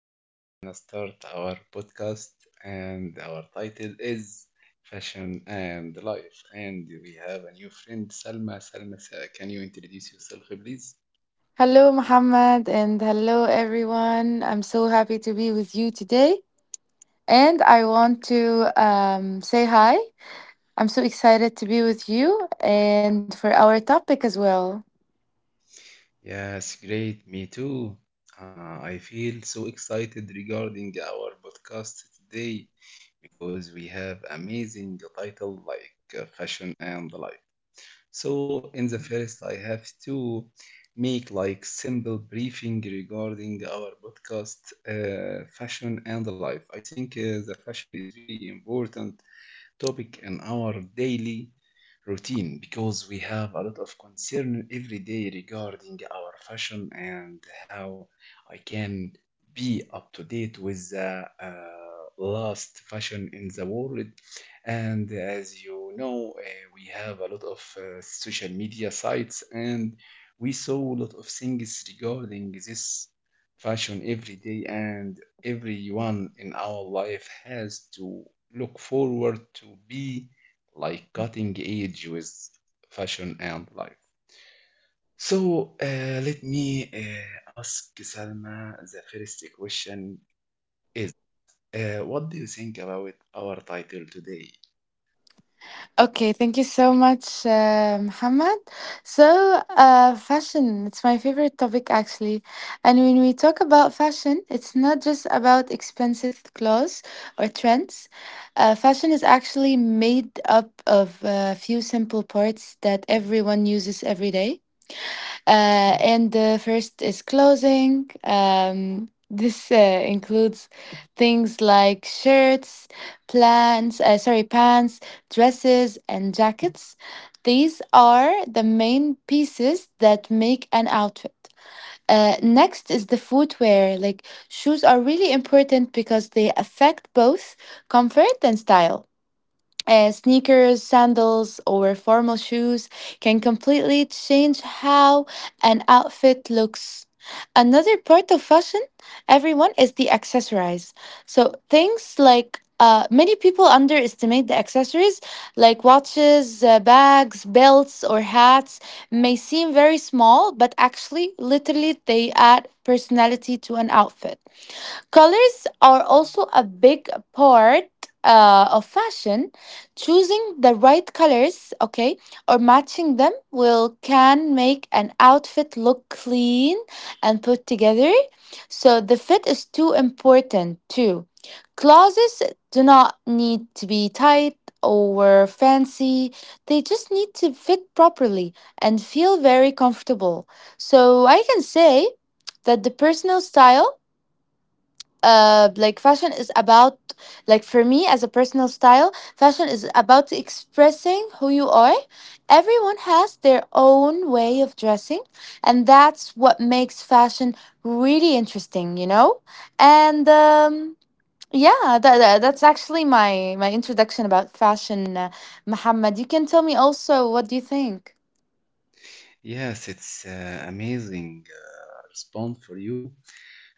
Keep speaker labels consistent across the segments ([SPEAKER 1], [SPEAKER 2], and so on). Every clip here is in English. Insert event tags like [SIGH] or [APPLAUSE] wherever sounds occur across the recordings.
[SPEAKER 1] Today we're gonna start our podcast, and our title is Fashion and Life. And we have a new friend, Salma. Salma, can you introduce yourself, please?
[SPEAKER 2] Hello, Muhammad, and hello, everyone. I'm so happy to be with you today. And I want to say hi. I'm so excited to be with you and for our topic as well.
[SPEAKER 1] Yes, great. Me too. I feel so excited regarding our podcast today because we have amazing title like Fashion and Life. So in the first, I have to make like simple briefing regarding our podcast, fashion and life. I think the fashion is very important topic in our daily routine because we have a lot of concern every day regarding our fashion and how I can be up to date with the last fashion in the world. And as you know, we have a lot of social media sites and we saw a lot of things regarding this fashion every day and everyone in our life has to look forward to be like cutting edge with fashion and life. So let me ask Salma the first question is what do you think about our title today?
[SPEAKER 2] Okay, thank you so much, Muhammad. So, fashion, it's my favorite topic actually. And when we talk about fashion, it's not just about expensive clothes or trends. Fashion is actually made up of a few simple parts that everyone uses every day. And the first is clothing. [LAUGHS] This includes things like shirts, pants, dresses, and jackets. These are the main pieces that make an outfit. Next is the footwear. Like shoes are really important because they affect both comfort and style, sneakers, sandals, or formal shoes can completely change how an outfit looks. Another part of fashion, everyone, is the accessories. So things like, many people underestimate the accessories like watches, bags, belts, or hats may seem very small, but actually, literally, they add personality to an outfit. Colors are also a big part of fashion. Choosing the right colors, okay, or matching them will can make an outfit look clean and put together. So the fit is too important too. Closets do not need to be tight or fancy. They just need to fit properly and feel very comfortable. So I can say that the personal style like fashion is about like for me as a personal style, fashion is about expressing who you are. Everyone has their own way of dressing, and that's what makes fashion really interesting, you know. And um yeah that, that- that's actually my introduction about fashion. Muhammad, you can tell me also what do you think.
[SPEAKER 1] Yes, it's amazing response for you.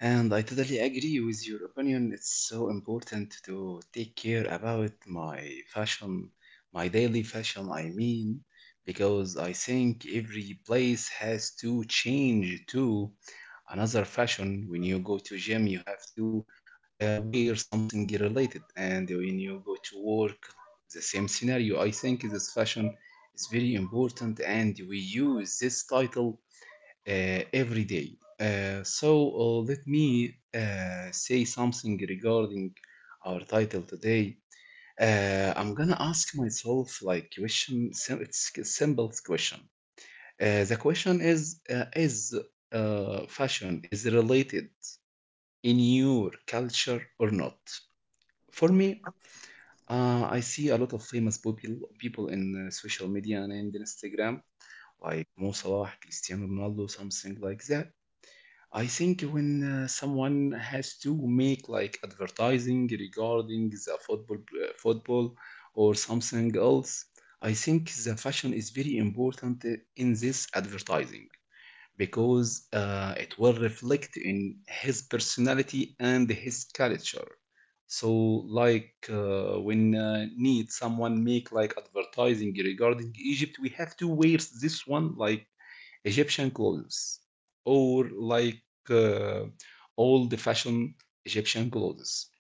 [SPEAKER 1] And I totally agree with your opinion. It's so important to take care about my fashion, my daily fashion, I mean, because I think every place has to change to another fashion. When you go to gym, you have to wear something related, and when you go to work, the same scenario. I think this fashion is very important, and we use this title every day. Uh, let me say something regarding our title today. I'm gonna ask myself like question. It's a simple question. The question is: is fashion is related in your culture or not? For me, I see a lot of famous people in social media and in Instagram, like Mo Salah, Cristiano Ronaldo, something like that. I think when someone has to make like advertising regarding the football or something else, I think the fashion is very important in this advertising because it will reflect in his personality and his culture. So like when need someone make like advertising regarding Egypt, we have to wear this one like Egyptian clothes or like uh, old fashioned Egyptian clothes.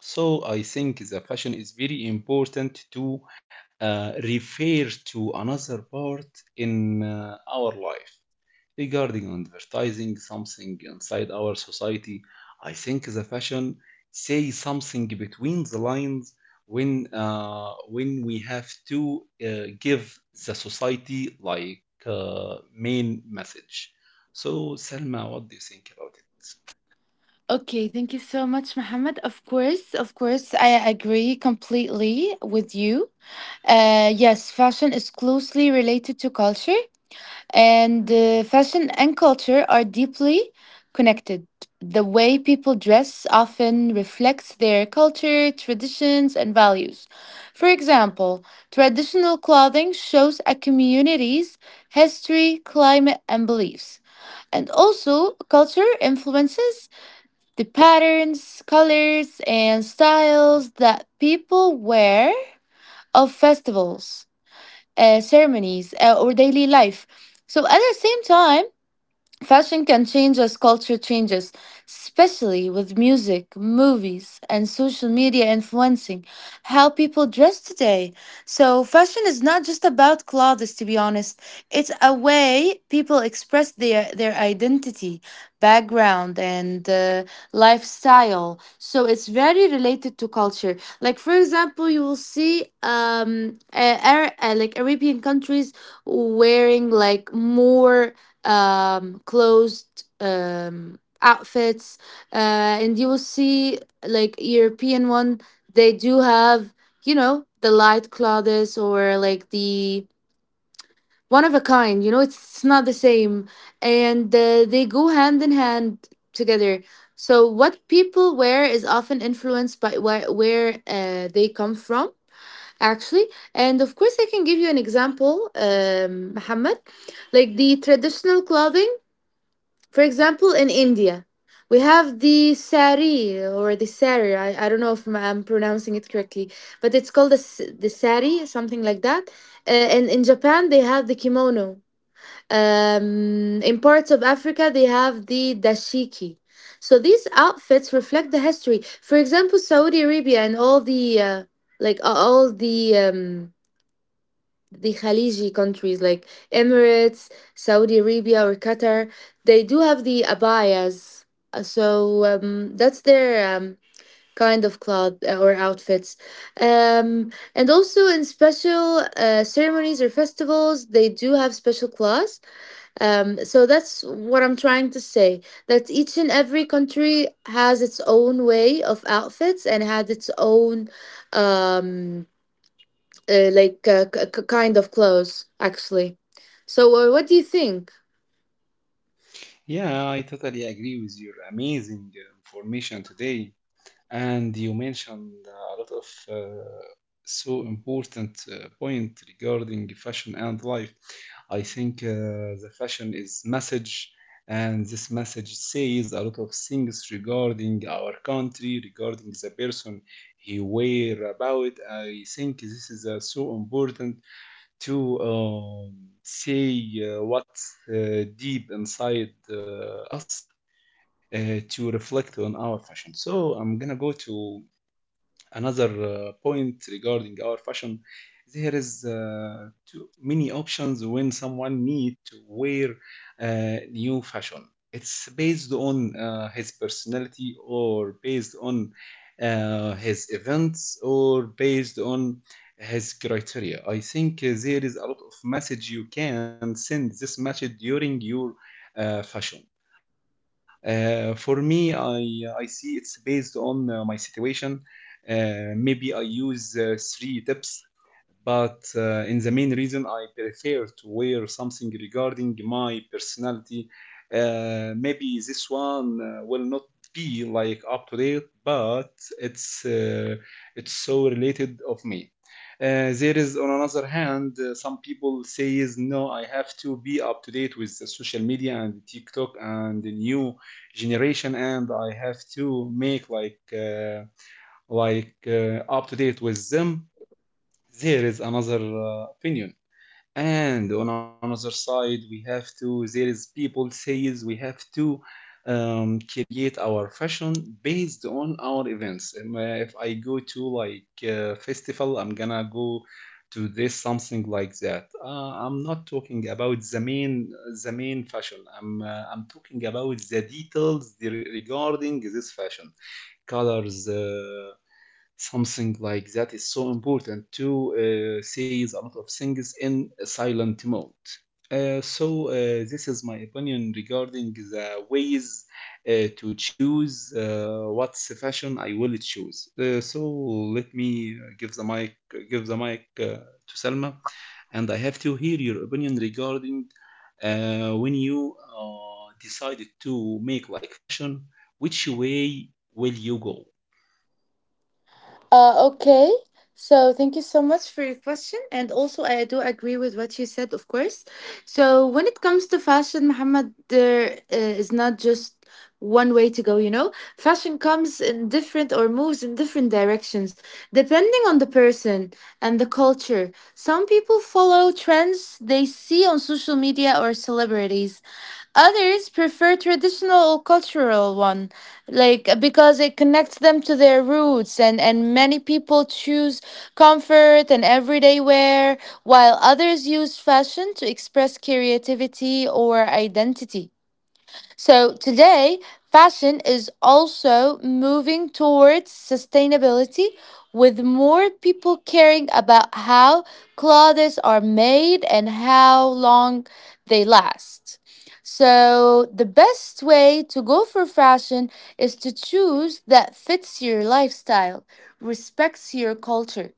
[SPEAKER 1] So I think the fashion is very important to refer to another part in our life regarding advertising something inside our society. I think the fashion say something between the lines when when we have to give the society like main message. So Selma, what do you think about it?
[SPEAKER 2] Okay, thank you so much, Mohammed. Of course, I agree completely with you. Yes, fashion is closely related to culture, and fashion and culture are deeply connected. The way people dress often reflects their culture, traditions, and values. For example, traditional clothing shows a community's history, climate, and beliefs. And also, culture influences the patterns, colors, and styles that people wear of festivals, ceremonies, or daily life. So at the same time, fashion can change as culture changes, especially with music, movies, and social media influencing how people dress today. So, fashion is not just about clothes, to be honest. It's a way people express their identity, background, and lifestyle. So, it's very related to culture. Like, for example, you will see, like Arabian countries wearing like more closed outfits, uh, and you will see like European one. They do have, you know, the light clothes, or like the one of a kind. You know, it's not the same, and they go hand in hand together. So what people wear is often influenced by where, they come from, actually. And of course, I can give you an example, Muhammad. Like the traditional clothing, for example, in India, we have the sari, or the sari. I don't know if I'm pronouncing it correctly, but it's called the sari, something like that. And in Japan, they have the kimono. In parts of Africa, they have the dashiki. So these outfits reflect the history. For example, Saudi Arabia, and all the, all the, the Khaliji countries like Emirates, Saudi Arabia, or Qatar, they do have the abayas. So, that's their um, kind of cloth, or outfits. Um, and also in special ceremonies or festivals, they do have special cloths. So that's what I'm trying to say, that each and every country has its own way of outfits and has its own, Um, kind of clothes, actually. So what do you think?
[SPEAKER 1] Yeah, I totally agree with your amazing information today. And you mentioned a lot of uh, so important point regarding fashion and life. I think the fashion is message, and this message says a lot of things regarding our country, regarding the person he wear about. I think this is so important to say what's deep inside us. To reflect on our fashion. So I'm gonna go to another point regarding our fashion, there is too many options when someone need to wear new fashion. It's based on his personality or based on his events or based on his criteria. I think there is a lot of message you can send this message during your fashion. For me, I see it's based on my situation, maybe I use three tips, but in the main reason I prefer to wear something regarding my personality. Maybe this one will not be like up to date, but it's uh, it's so related of me. There is, on another hand, some people says no, I have to be up to date with the social media and TikTok and the new generation, and I have to make like. Up to date with them, there is another opinion. And on another side, we have to, there is people says we have to create our fashion based on our events. If I go to like festival, I'm gonna go to this something like that. I'm not talking about the main fashion. I'm talking about the details regarding this fashion colors. Something like that is so important to say a lot of things in a silent mode. Uh, so uh, this is my opinion regarding the ways to choose what fashion I will choose. So let me give the mic to Selma, and I have to hear your opinion regarding when you decided to make like fashion, which way will you go?
[SPEAKER 2] Okay, so thank you so much for your question, and also I do agree with what you said, of course. So when it comes to fashion, Muhammad, there is not just one way to go, you know. Fashion comes in different, or moves in different directions depending on the person and the culture. Some people follow trends they see on social media or celebrities. Others prefer traditional cultural one, like, because it connects them to their roots, and many people choose comfort and everyday wear, while others use fashion to express creativity or identity. So today, fashion is also moving towards sustainability, with more people caring about how clothes are made and how long they last. So, the best way to go for fashion is to choose that fits your lifestyle, respects your culture,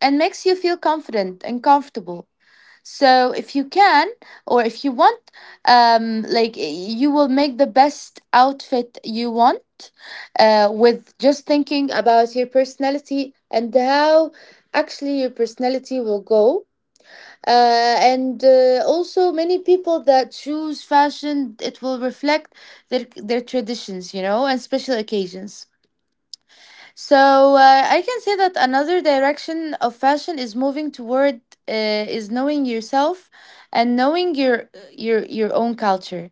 [SPEAKER 2] and makes you feel confident and comfortable. So if you can, or if you want, like, you will make the best outfit you want, with just thinking about your personality and how actually your personality will go. And also many people that choose fashion, it will reflect their traditions, you know, and special occasions. So I can say that another direction of fashion is moving toward, uh, is knowing yourself and knowing your own culture.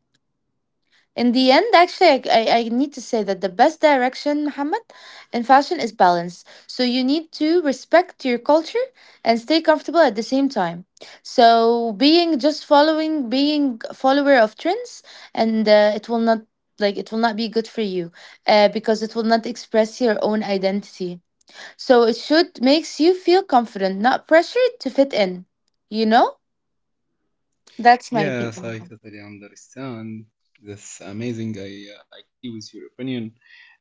[SPEAKER 2] In the end, actually, I need to say that the best direction, Muhammad, in fashion is balance. So you need to respect your culture and stay comfortable at the same time. So being just following, being follower of trends, and it will not, like, it will not be good for you, because it will not express your own identity. So it should makes you feel confident, not pressured to fit in, you know?
[SPEAKER 1] Yes, I totally understand. That's amazing. I agree with your opinion.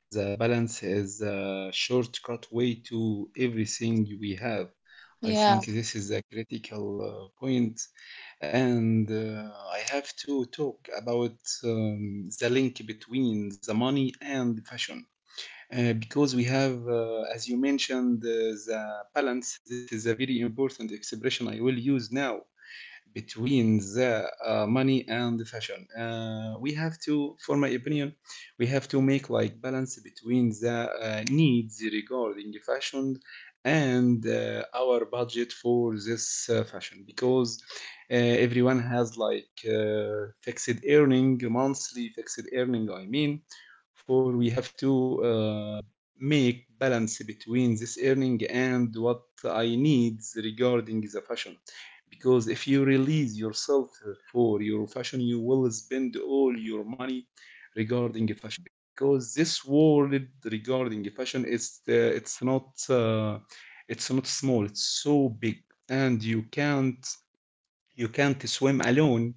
[SPEAKER 1] The balance is a shortcut way to everything we have. I think this is a critical point, and I have to talk about the link between the money and fashion. Because we have, as you mentioned, the balance. This is a very important expression I will use now between the money and the fashion. We have to, for my opinion, we have to make like balance between the needs regarding fashion and our budget for this fashion because everyone has like fixed earning monthly fixed earning I mean for we have to make balance between this earning and what I needs regarding the fashion because if you release yourself for your fashion you will spend all your money regarding fashion because this world regarding fashion it's not uh, it's not small, it's so big and you can't swim alone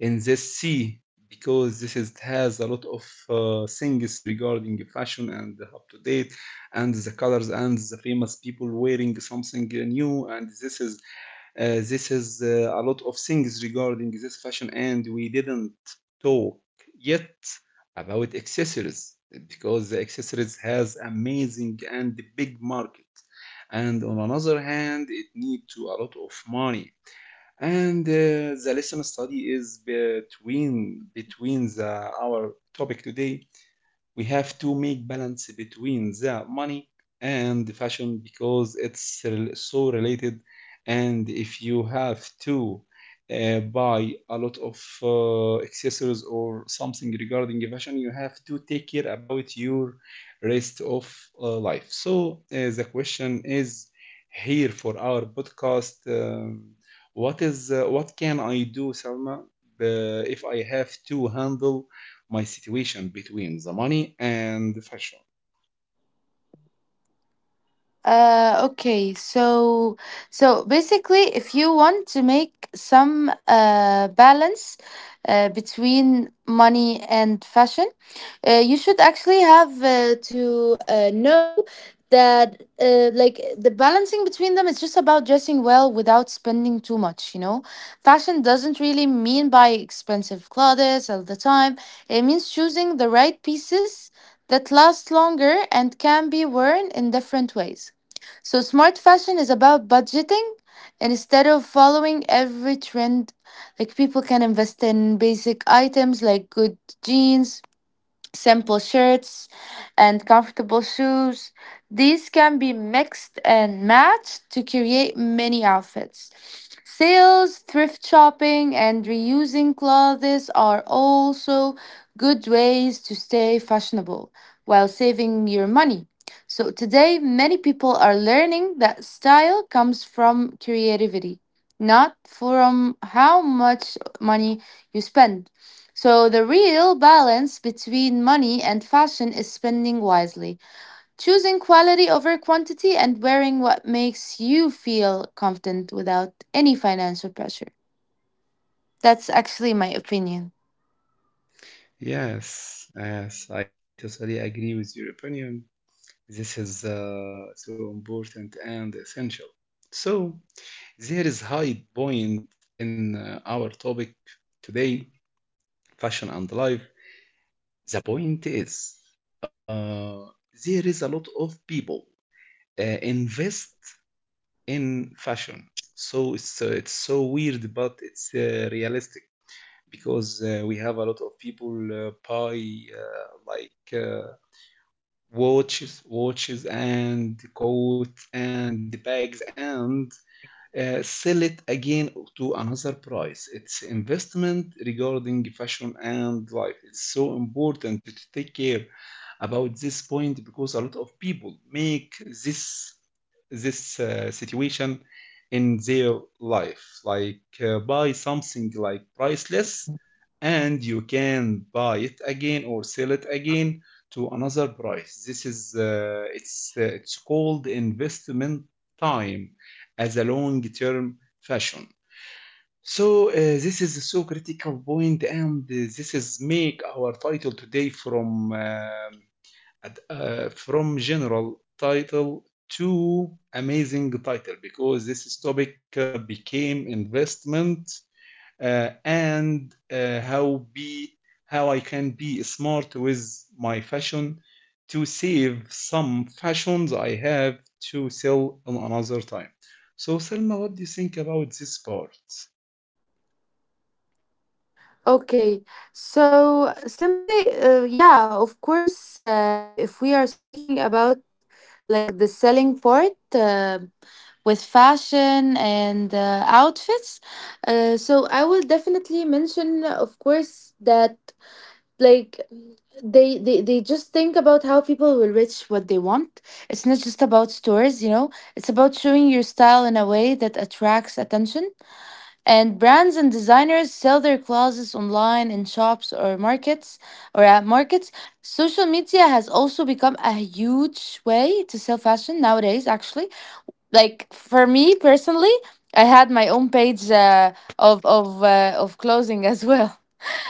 [SPEAKER 1] in this sea because this is, has a lot of things regarding fashion and up to date and the colors and the famous people wearing something new and this is a lot of things regarding this fashion, and we didn't talk yet about accessories
[SPEAKER 2] Yeah,
[SPEAKER 1] because
[SPEAKER 2] of
[SPEAKER 1] the
[SPEAKER 2] course.
[SPEAKER 1] accessories has amazing and big market, and on another hand, it need to a lot of money. And the lesson study is between the, our topic today we have to make balance between the money and the fashion because it's so related, and if you have to buy a lot of accessories or something regarding fashion you have to take care about your rest of life. So the question is here for our podcast, what is what can I do, Salma, if I have to handle my situation between the money and the fashion.
[SPEAKER 2] Okay, so basically, if you want to make some balance between money and fashion, you should actually have to know that, like, the balancing between them is just about dressing well without spending too much, you know. Fashion doesn't really mean buying expensive clothes all the time. It means choosing the right pieces that last longer and can be worn in different ways. So, smart fashion is about budgeting instead of following every trend. Like, people can invest in basic items like good jeans, simple shirts, and comfortable shoes. These can be mixed and matched to create many outfits. Sales, thrift shopping, and reusing clothes are also good ways to stay fashionable while saving your money. So, today, many people are learning that style comes from creativity, not from how much money you spend. So the real balance between money and fashion is spending wisely, choosing quality over quantity, and wearing what makes you feel confident without any financial pressure. That's actually my opinion.
[SPEAKER 1] Yes, yes, I totally agree with your opinion. This is so important and essential. So, there is high point in our topic today, fashion and life. The point is, uh, there is a lot of people invest in fashion. So it's so weird, but it's realistic because we have a lot of people buy uh, like uh, watches and coats and bags and sell it again to another price. It's investment regarding fashion and life. It's so important to take care about this point because a lot of people make this this situation in their life like buy something like priceless and you can buy it again or sell it again to another price. This is uh, it's uh, it's called investment time as a long term fashion. So this is so critical point, and this is make our title today from general title to amazing title because this topic became investment, and how I can be smart with my fashion to save some fashions I have to sell on another time. So Selma, what do you think about this part?
[SPEAKER 2] Okay, so simply, yeah, of course, if we are speaking about like the selling part, with fashion and outfits, so I will definitely mention, of course, that, like, they just think about how people will reach what they want. It's not just about stores, you know. It's about showing your style in a way that attracts attention. And brands and designers sell their clothes online, in shops, or markets, or at markets. Social media has also become a huge way to sell fashion nowadays, actually. Like, for me personally, I had my own page of clothing [LAUGHS] as well.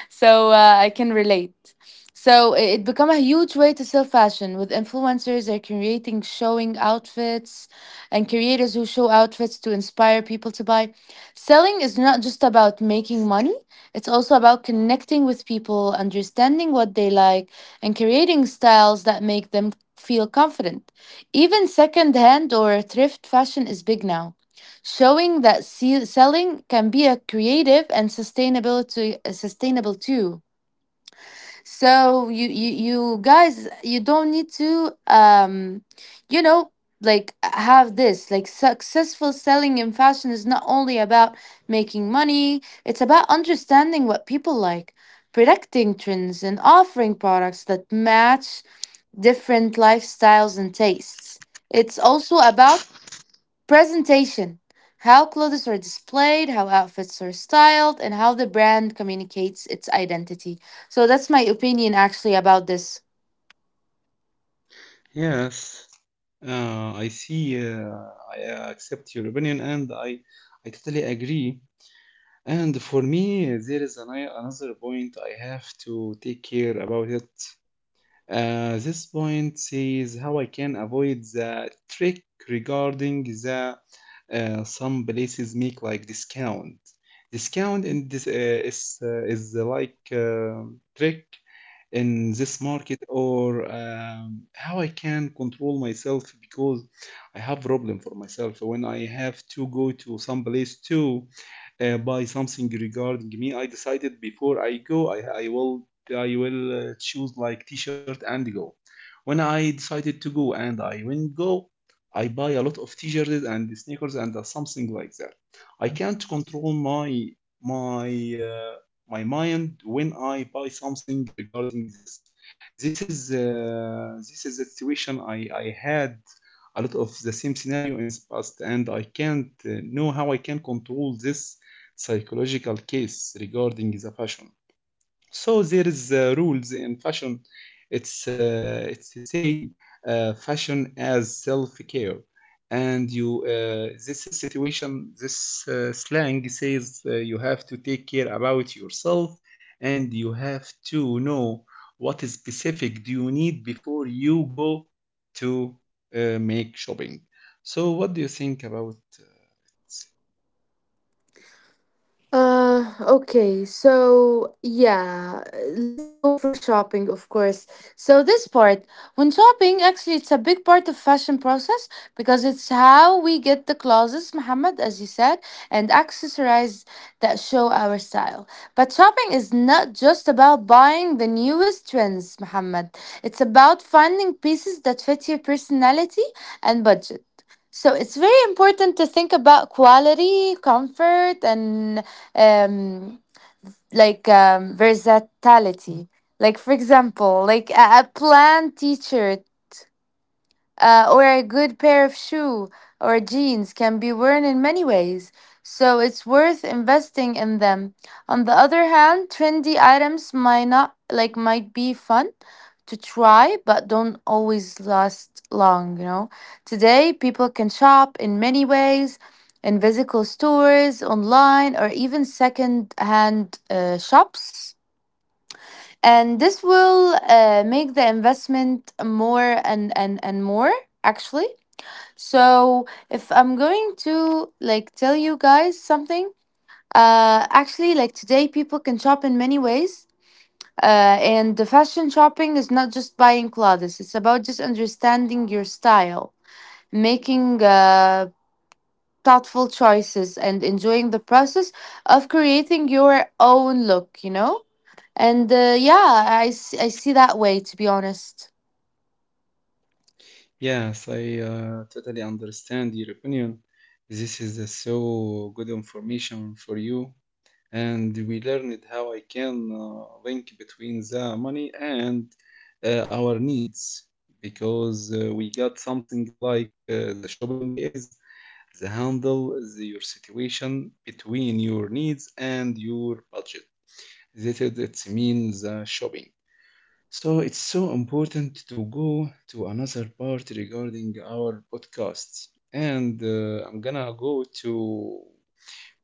[SPEAKER 2] So I can relate. So it become a huge way to sell fashion, with influencers, they are creating, showing outfits, and creators who show outfits to inspire people to buy. Selling is not just about making money, it's also about connecting with people, understanding what they like, and creating styles that make them feel confident. Even secondhand or thrift fashion is big now, showing that selling can be a creative and sustainable, to sustainable too. So you guys, you don't need to, you know, like, have this, like, successful selling in fashion is not only about making money. It's about understanding what people like, predicting trends, and offering products that match different lifestyles and tastes. It's also about presentation. How clothes are displayed, how outfits are styled, and how the brand communicates its identity. So that's my opinion actually about this.
[SPEAKER 1] Yes, I see. I accept your opinion, and I totally agree. And for me, there is an, another point I have to take care about it. This point says how I can avoid the trick regarding the some places make like discount. Discount in this is like trick in this market, or how I can control myself because I have problem for myself when I have to go to some place to buy something regarding me. I decided before I go, I will choose like t-shirt and go. When I decided to go and I went go, I buy a lot of t-shirts and sneakers and something like that. I can't control my my mind when I buy something regarding this. This is the situation I had a lot of the same scenario in the past, and I can't know how I can control this psychological case regarding the fashion. So there is rules in fashion. It's to say fashion as self-care, and you this is situation. This slang says you have to take care about yourself, and you have to know what specific do you need before you go to make shopping. So what do you think about?
[SPEAKER 2] Okay, so yeah, let's go for shopping, of course. So this part, when shopping, actually, it's a big part of fashion process, because it's how we get the clothes, Muhammad, as you said, and accessorize that show our style. But shopping is not just about buying the newest trends, Muhammad. It's about finding pieces that fit your personality and budget. So it's very important to think about quality, comfort, and um, versatility. Like, for example, like a plant teacher or a good pair of shoe or jeans can be worn in many ways, so it's worth investing in them. On the other hand, trendy items might not like might be fun to try but don't always last long, Today, people can shop in many ways in physical stores, online, or even second-hand shops. And this will make the investment more and more actually. So if I'm going to like tell you guys something, actually like today people can shop in many ways. And the fashion shopping is not just buying clothes, it's about just understanding your style, making thoughtful choices, and enjoying the process of creating your own look, you know? And yeah, I see that way, to be honest.
[SPEAKER 1] Yes, I totally understand your opinion. This is so good information for you, and we learned how I can link between the money and our needs, because we got something like the shopping is the handle the, your situation between your needs and your budget. That is it means shopping. So it's so important to go to another part regarding our podcasts. And I'm gonna go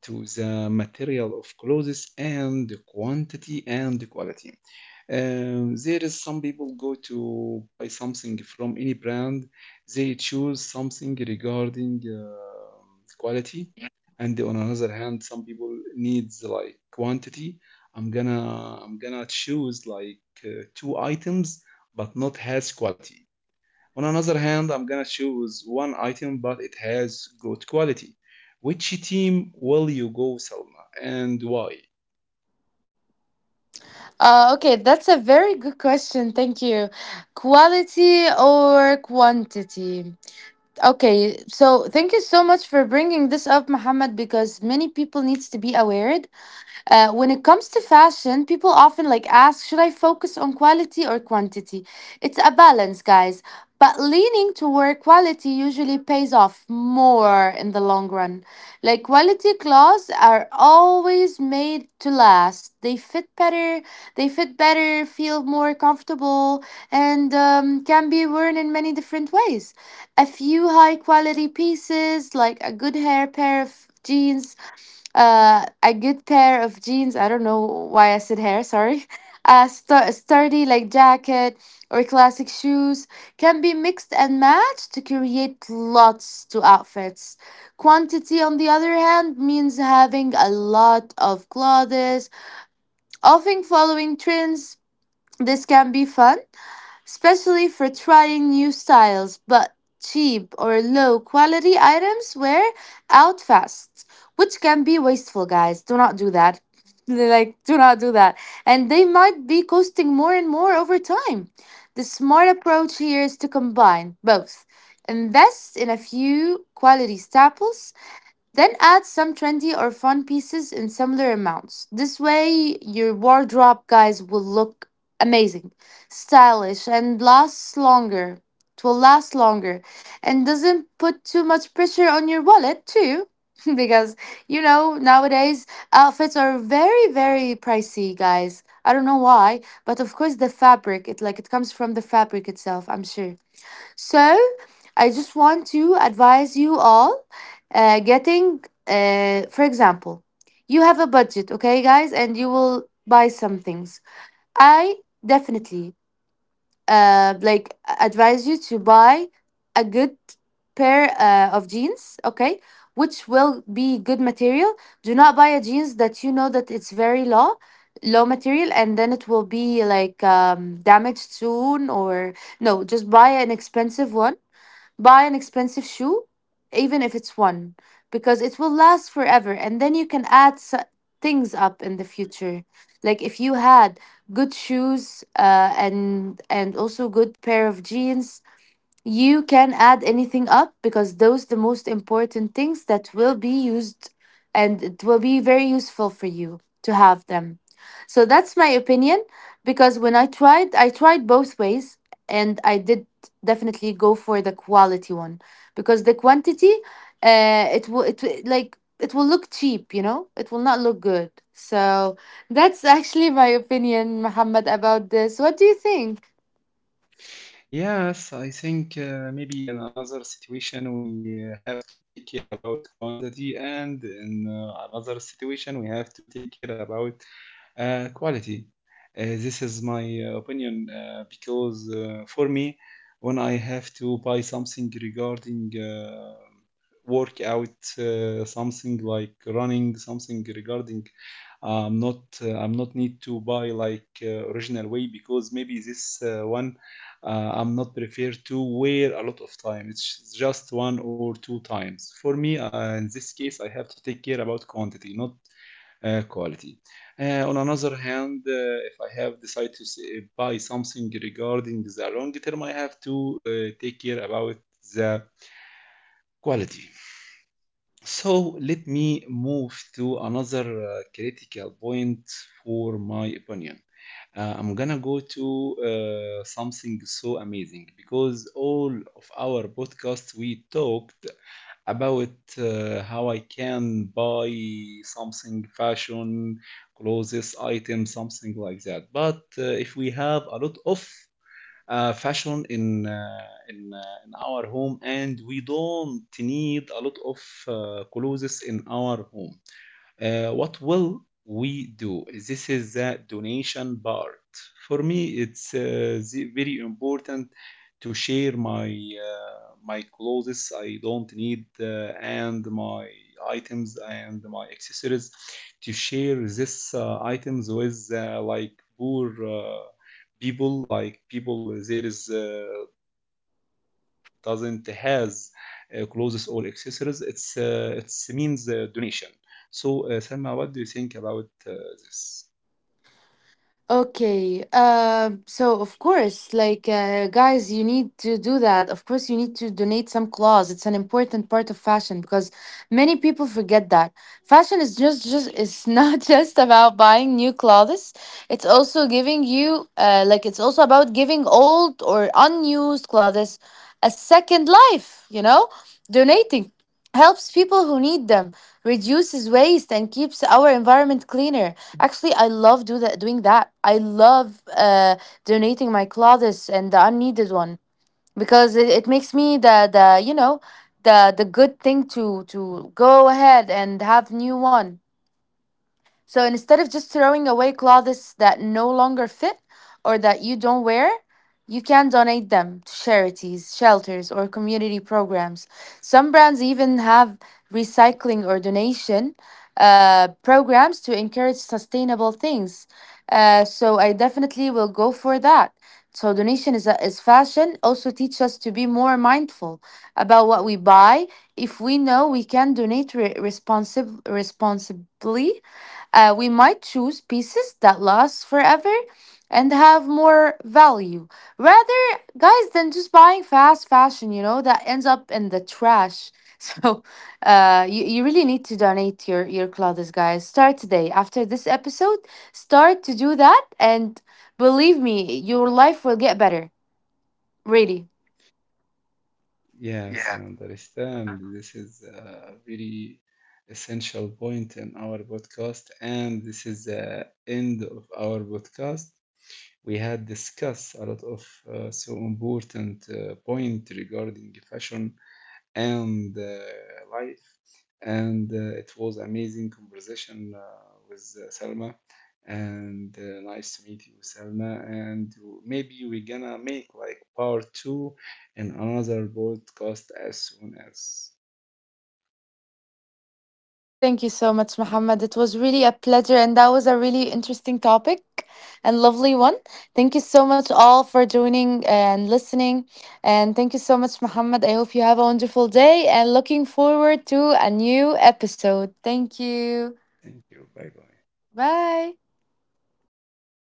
[SPEAKER 1] to the material of clothes and the quantity and the quality. There is some people go to buy something from any brand. They choose something regarding quality, and on another hand, some people needs like quantity. I'm gonna choose like two items, but not has quality. On another hand, I'm gonna choose one item, but it has good quality. Which team will you go, Salma, and why?
[SPEAKER 2] Okay, that's a very good question. Thank you. Quality or quantity? Okay, so thank you so much for bringing this up, Muhammad, because many people needs to be aware when it comes to fashion, people often like ask, should I focus on quality or quantity? It's a balance, guys. But leaning toward quality usually pays off more in the long run. Like quality clothes are always made to last. They fit better, feel more comfortable, and can be worn in many different ways. A few high quality pieces, like a good hair pair of jeans, a good pair of jeans. I don't know why I said hair, sorry. [LAUGHS] A sturdy like jacket or classic shoes can be mixed and matched to create lots to outfits. Quantity, on the other hand, means having a lot of clothes, often following trends. This can be fun especially for trying new styles, but cheap or low quality items wear out fast, which can be wasteful, guys. Do not do that. [LAUGHS] Like, do not do that. And they might be costing more and more over time. The smart approach here is to combine both. Invest in a few quality staples then add some trendy or fun pieces in similar amounts. This way, your wardrobe, guys, will look amazing, stylish, and lasts longer. It will last longer and doesn't put too much pressure on your wallet, too. [LAUGHS] Because, you know, nowadays outfits are very, very pricey, guys. I don't know why, but of course the fabric, it like it comes from the fabric itself, I'm sure. So, I just want to advise you all getting, for example, you have a budget, okay, guys, and you will buy some things. I definitely like advise you to buy a good pair of jeans, okay, which will be good material. Do not buy a jeans that you know that it's very low, low material, and then it will be like damaged soon or no. Just buy an expensive one. Buy an expensive shoe, even if it's one, because it will last forever and then you can add things up in the future. Like if you had good shoes and also good pair of jeans you can add anything up because those the most important things that will be used and it will be very useful for you to have them. So that's my opinion because when I tried both ways and I did definitely go for the quality one because the quantity it will like it will look cheap, you know? It will not look good. So that's actually my opinion, Muhammad, about this. What do you think?
[SPEAKER 1] Yes, I think maybe in another situation we have to take care about quantity, and in another situation we have to take care about quality. This is my opinion because for me, when I have to buy something regarding work out something like running something regarding I'm not need to buy like original way, because maybe this one I'm not prefer to wear a lot of time, it's just one or two times for me, in this case I have to take care about quantity, not quality. On another hand, if I have decided to say, buy something regarding the long term, I have to take care about the quality. So let me move to another critical point for my opinion. I'm gonna go to something so amazing, because all of our podcasts we talked about how I can buy something fashion, clothes, item, something like that. But if we have a lot of fashion in our home and we don't need a lot of clothes in our home, what will we do? This is the donation part. For me, it's very important to share my my clothes I don't need, and my items and my accessories, to share this items with like poor people, like people there is doesn't has clothes or accessories. It's means donation. So, Selma, what do you think about this?
[SPEAKER 2] Okay. So of course, like guys, you need to do that. Of course, you need to donate some clothes. It's an important part of fashion because many people forget that fashion is just it's [LAUGHS] not just about buying new clothes. It's also giving you like it's also about giving old or unused clothes a second life. You know, donating helps people who need them, reduces waste, and keeps our environment cleaner. Actually, I love do that, doing that. I love donating my clothes and the unneeded one because it makes me the you know the good thing to go ahead and have new one. So instead of just throwing away clothes that no longer fit or that you don't wear, you can donate them to charities, shelters, or community programs. Some brands even have recycling or donation programs to encourage sustainable things. So I definitely will go for that. So donation is fashion also teach us to be more mindful about what we buy. If we know we can donate responsibly, we might choose pieces that last forever and have more value rather, guys, than just buying fast fashion, you know, that ends up in the trash. [LAUGHS] So, you really need to donate your clothes, guys. Start today. After this episode, start to do that. And believe me, your life will get better. Really.
[SPEAKER 1] Yes, I understand. This is a very essential point in our podcast, and this is the end of our podcast. We had discussed a lot of so important point regarding fashion and life. And it was amazing conversation with Selma. And nice to meet you, Selma. And maybe we're gonna make like part two in another podcast as soon as.
[SPEAKER 2] Thank you so much, Muhammad. It was really a pleasure, and that was a really interesting topic and lovely one. Thank you so much, all, for joining and listening. And thank you so much, Muhammad. I hope you have a wonderful day and looking forward to a new episode. Thank you.
[SPEAKER 1] Thank you. Bye bye.
[SPEAKER 2] Bye.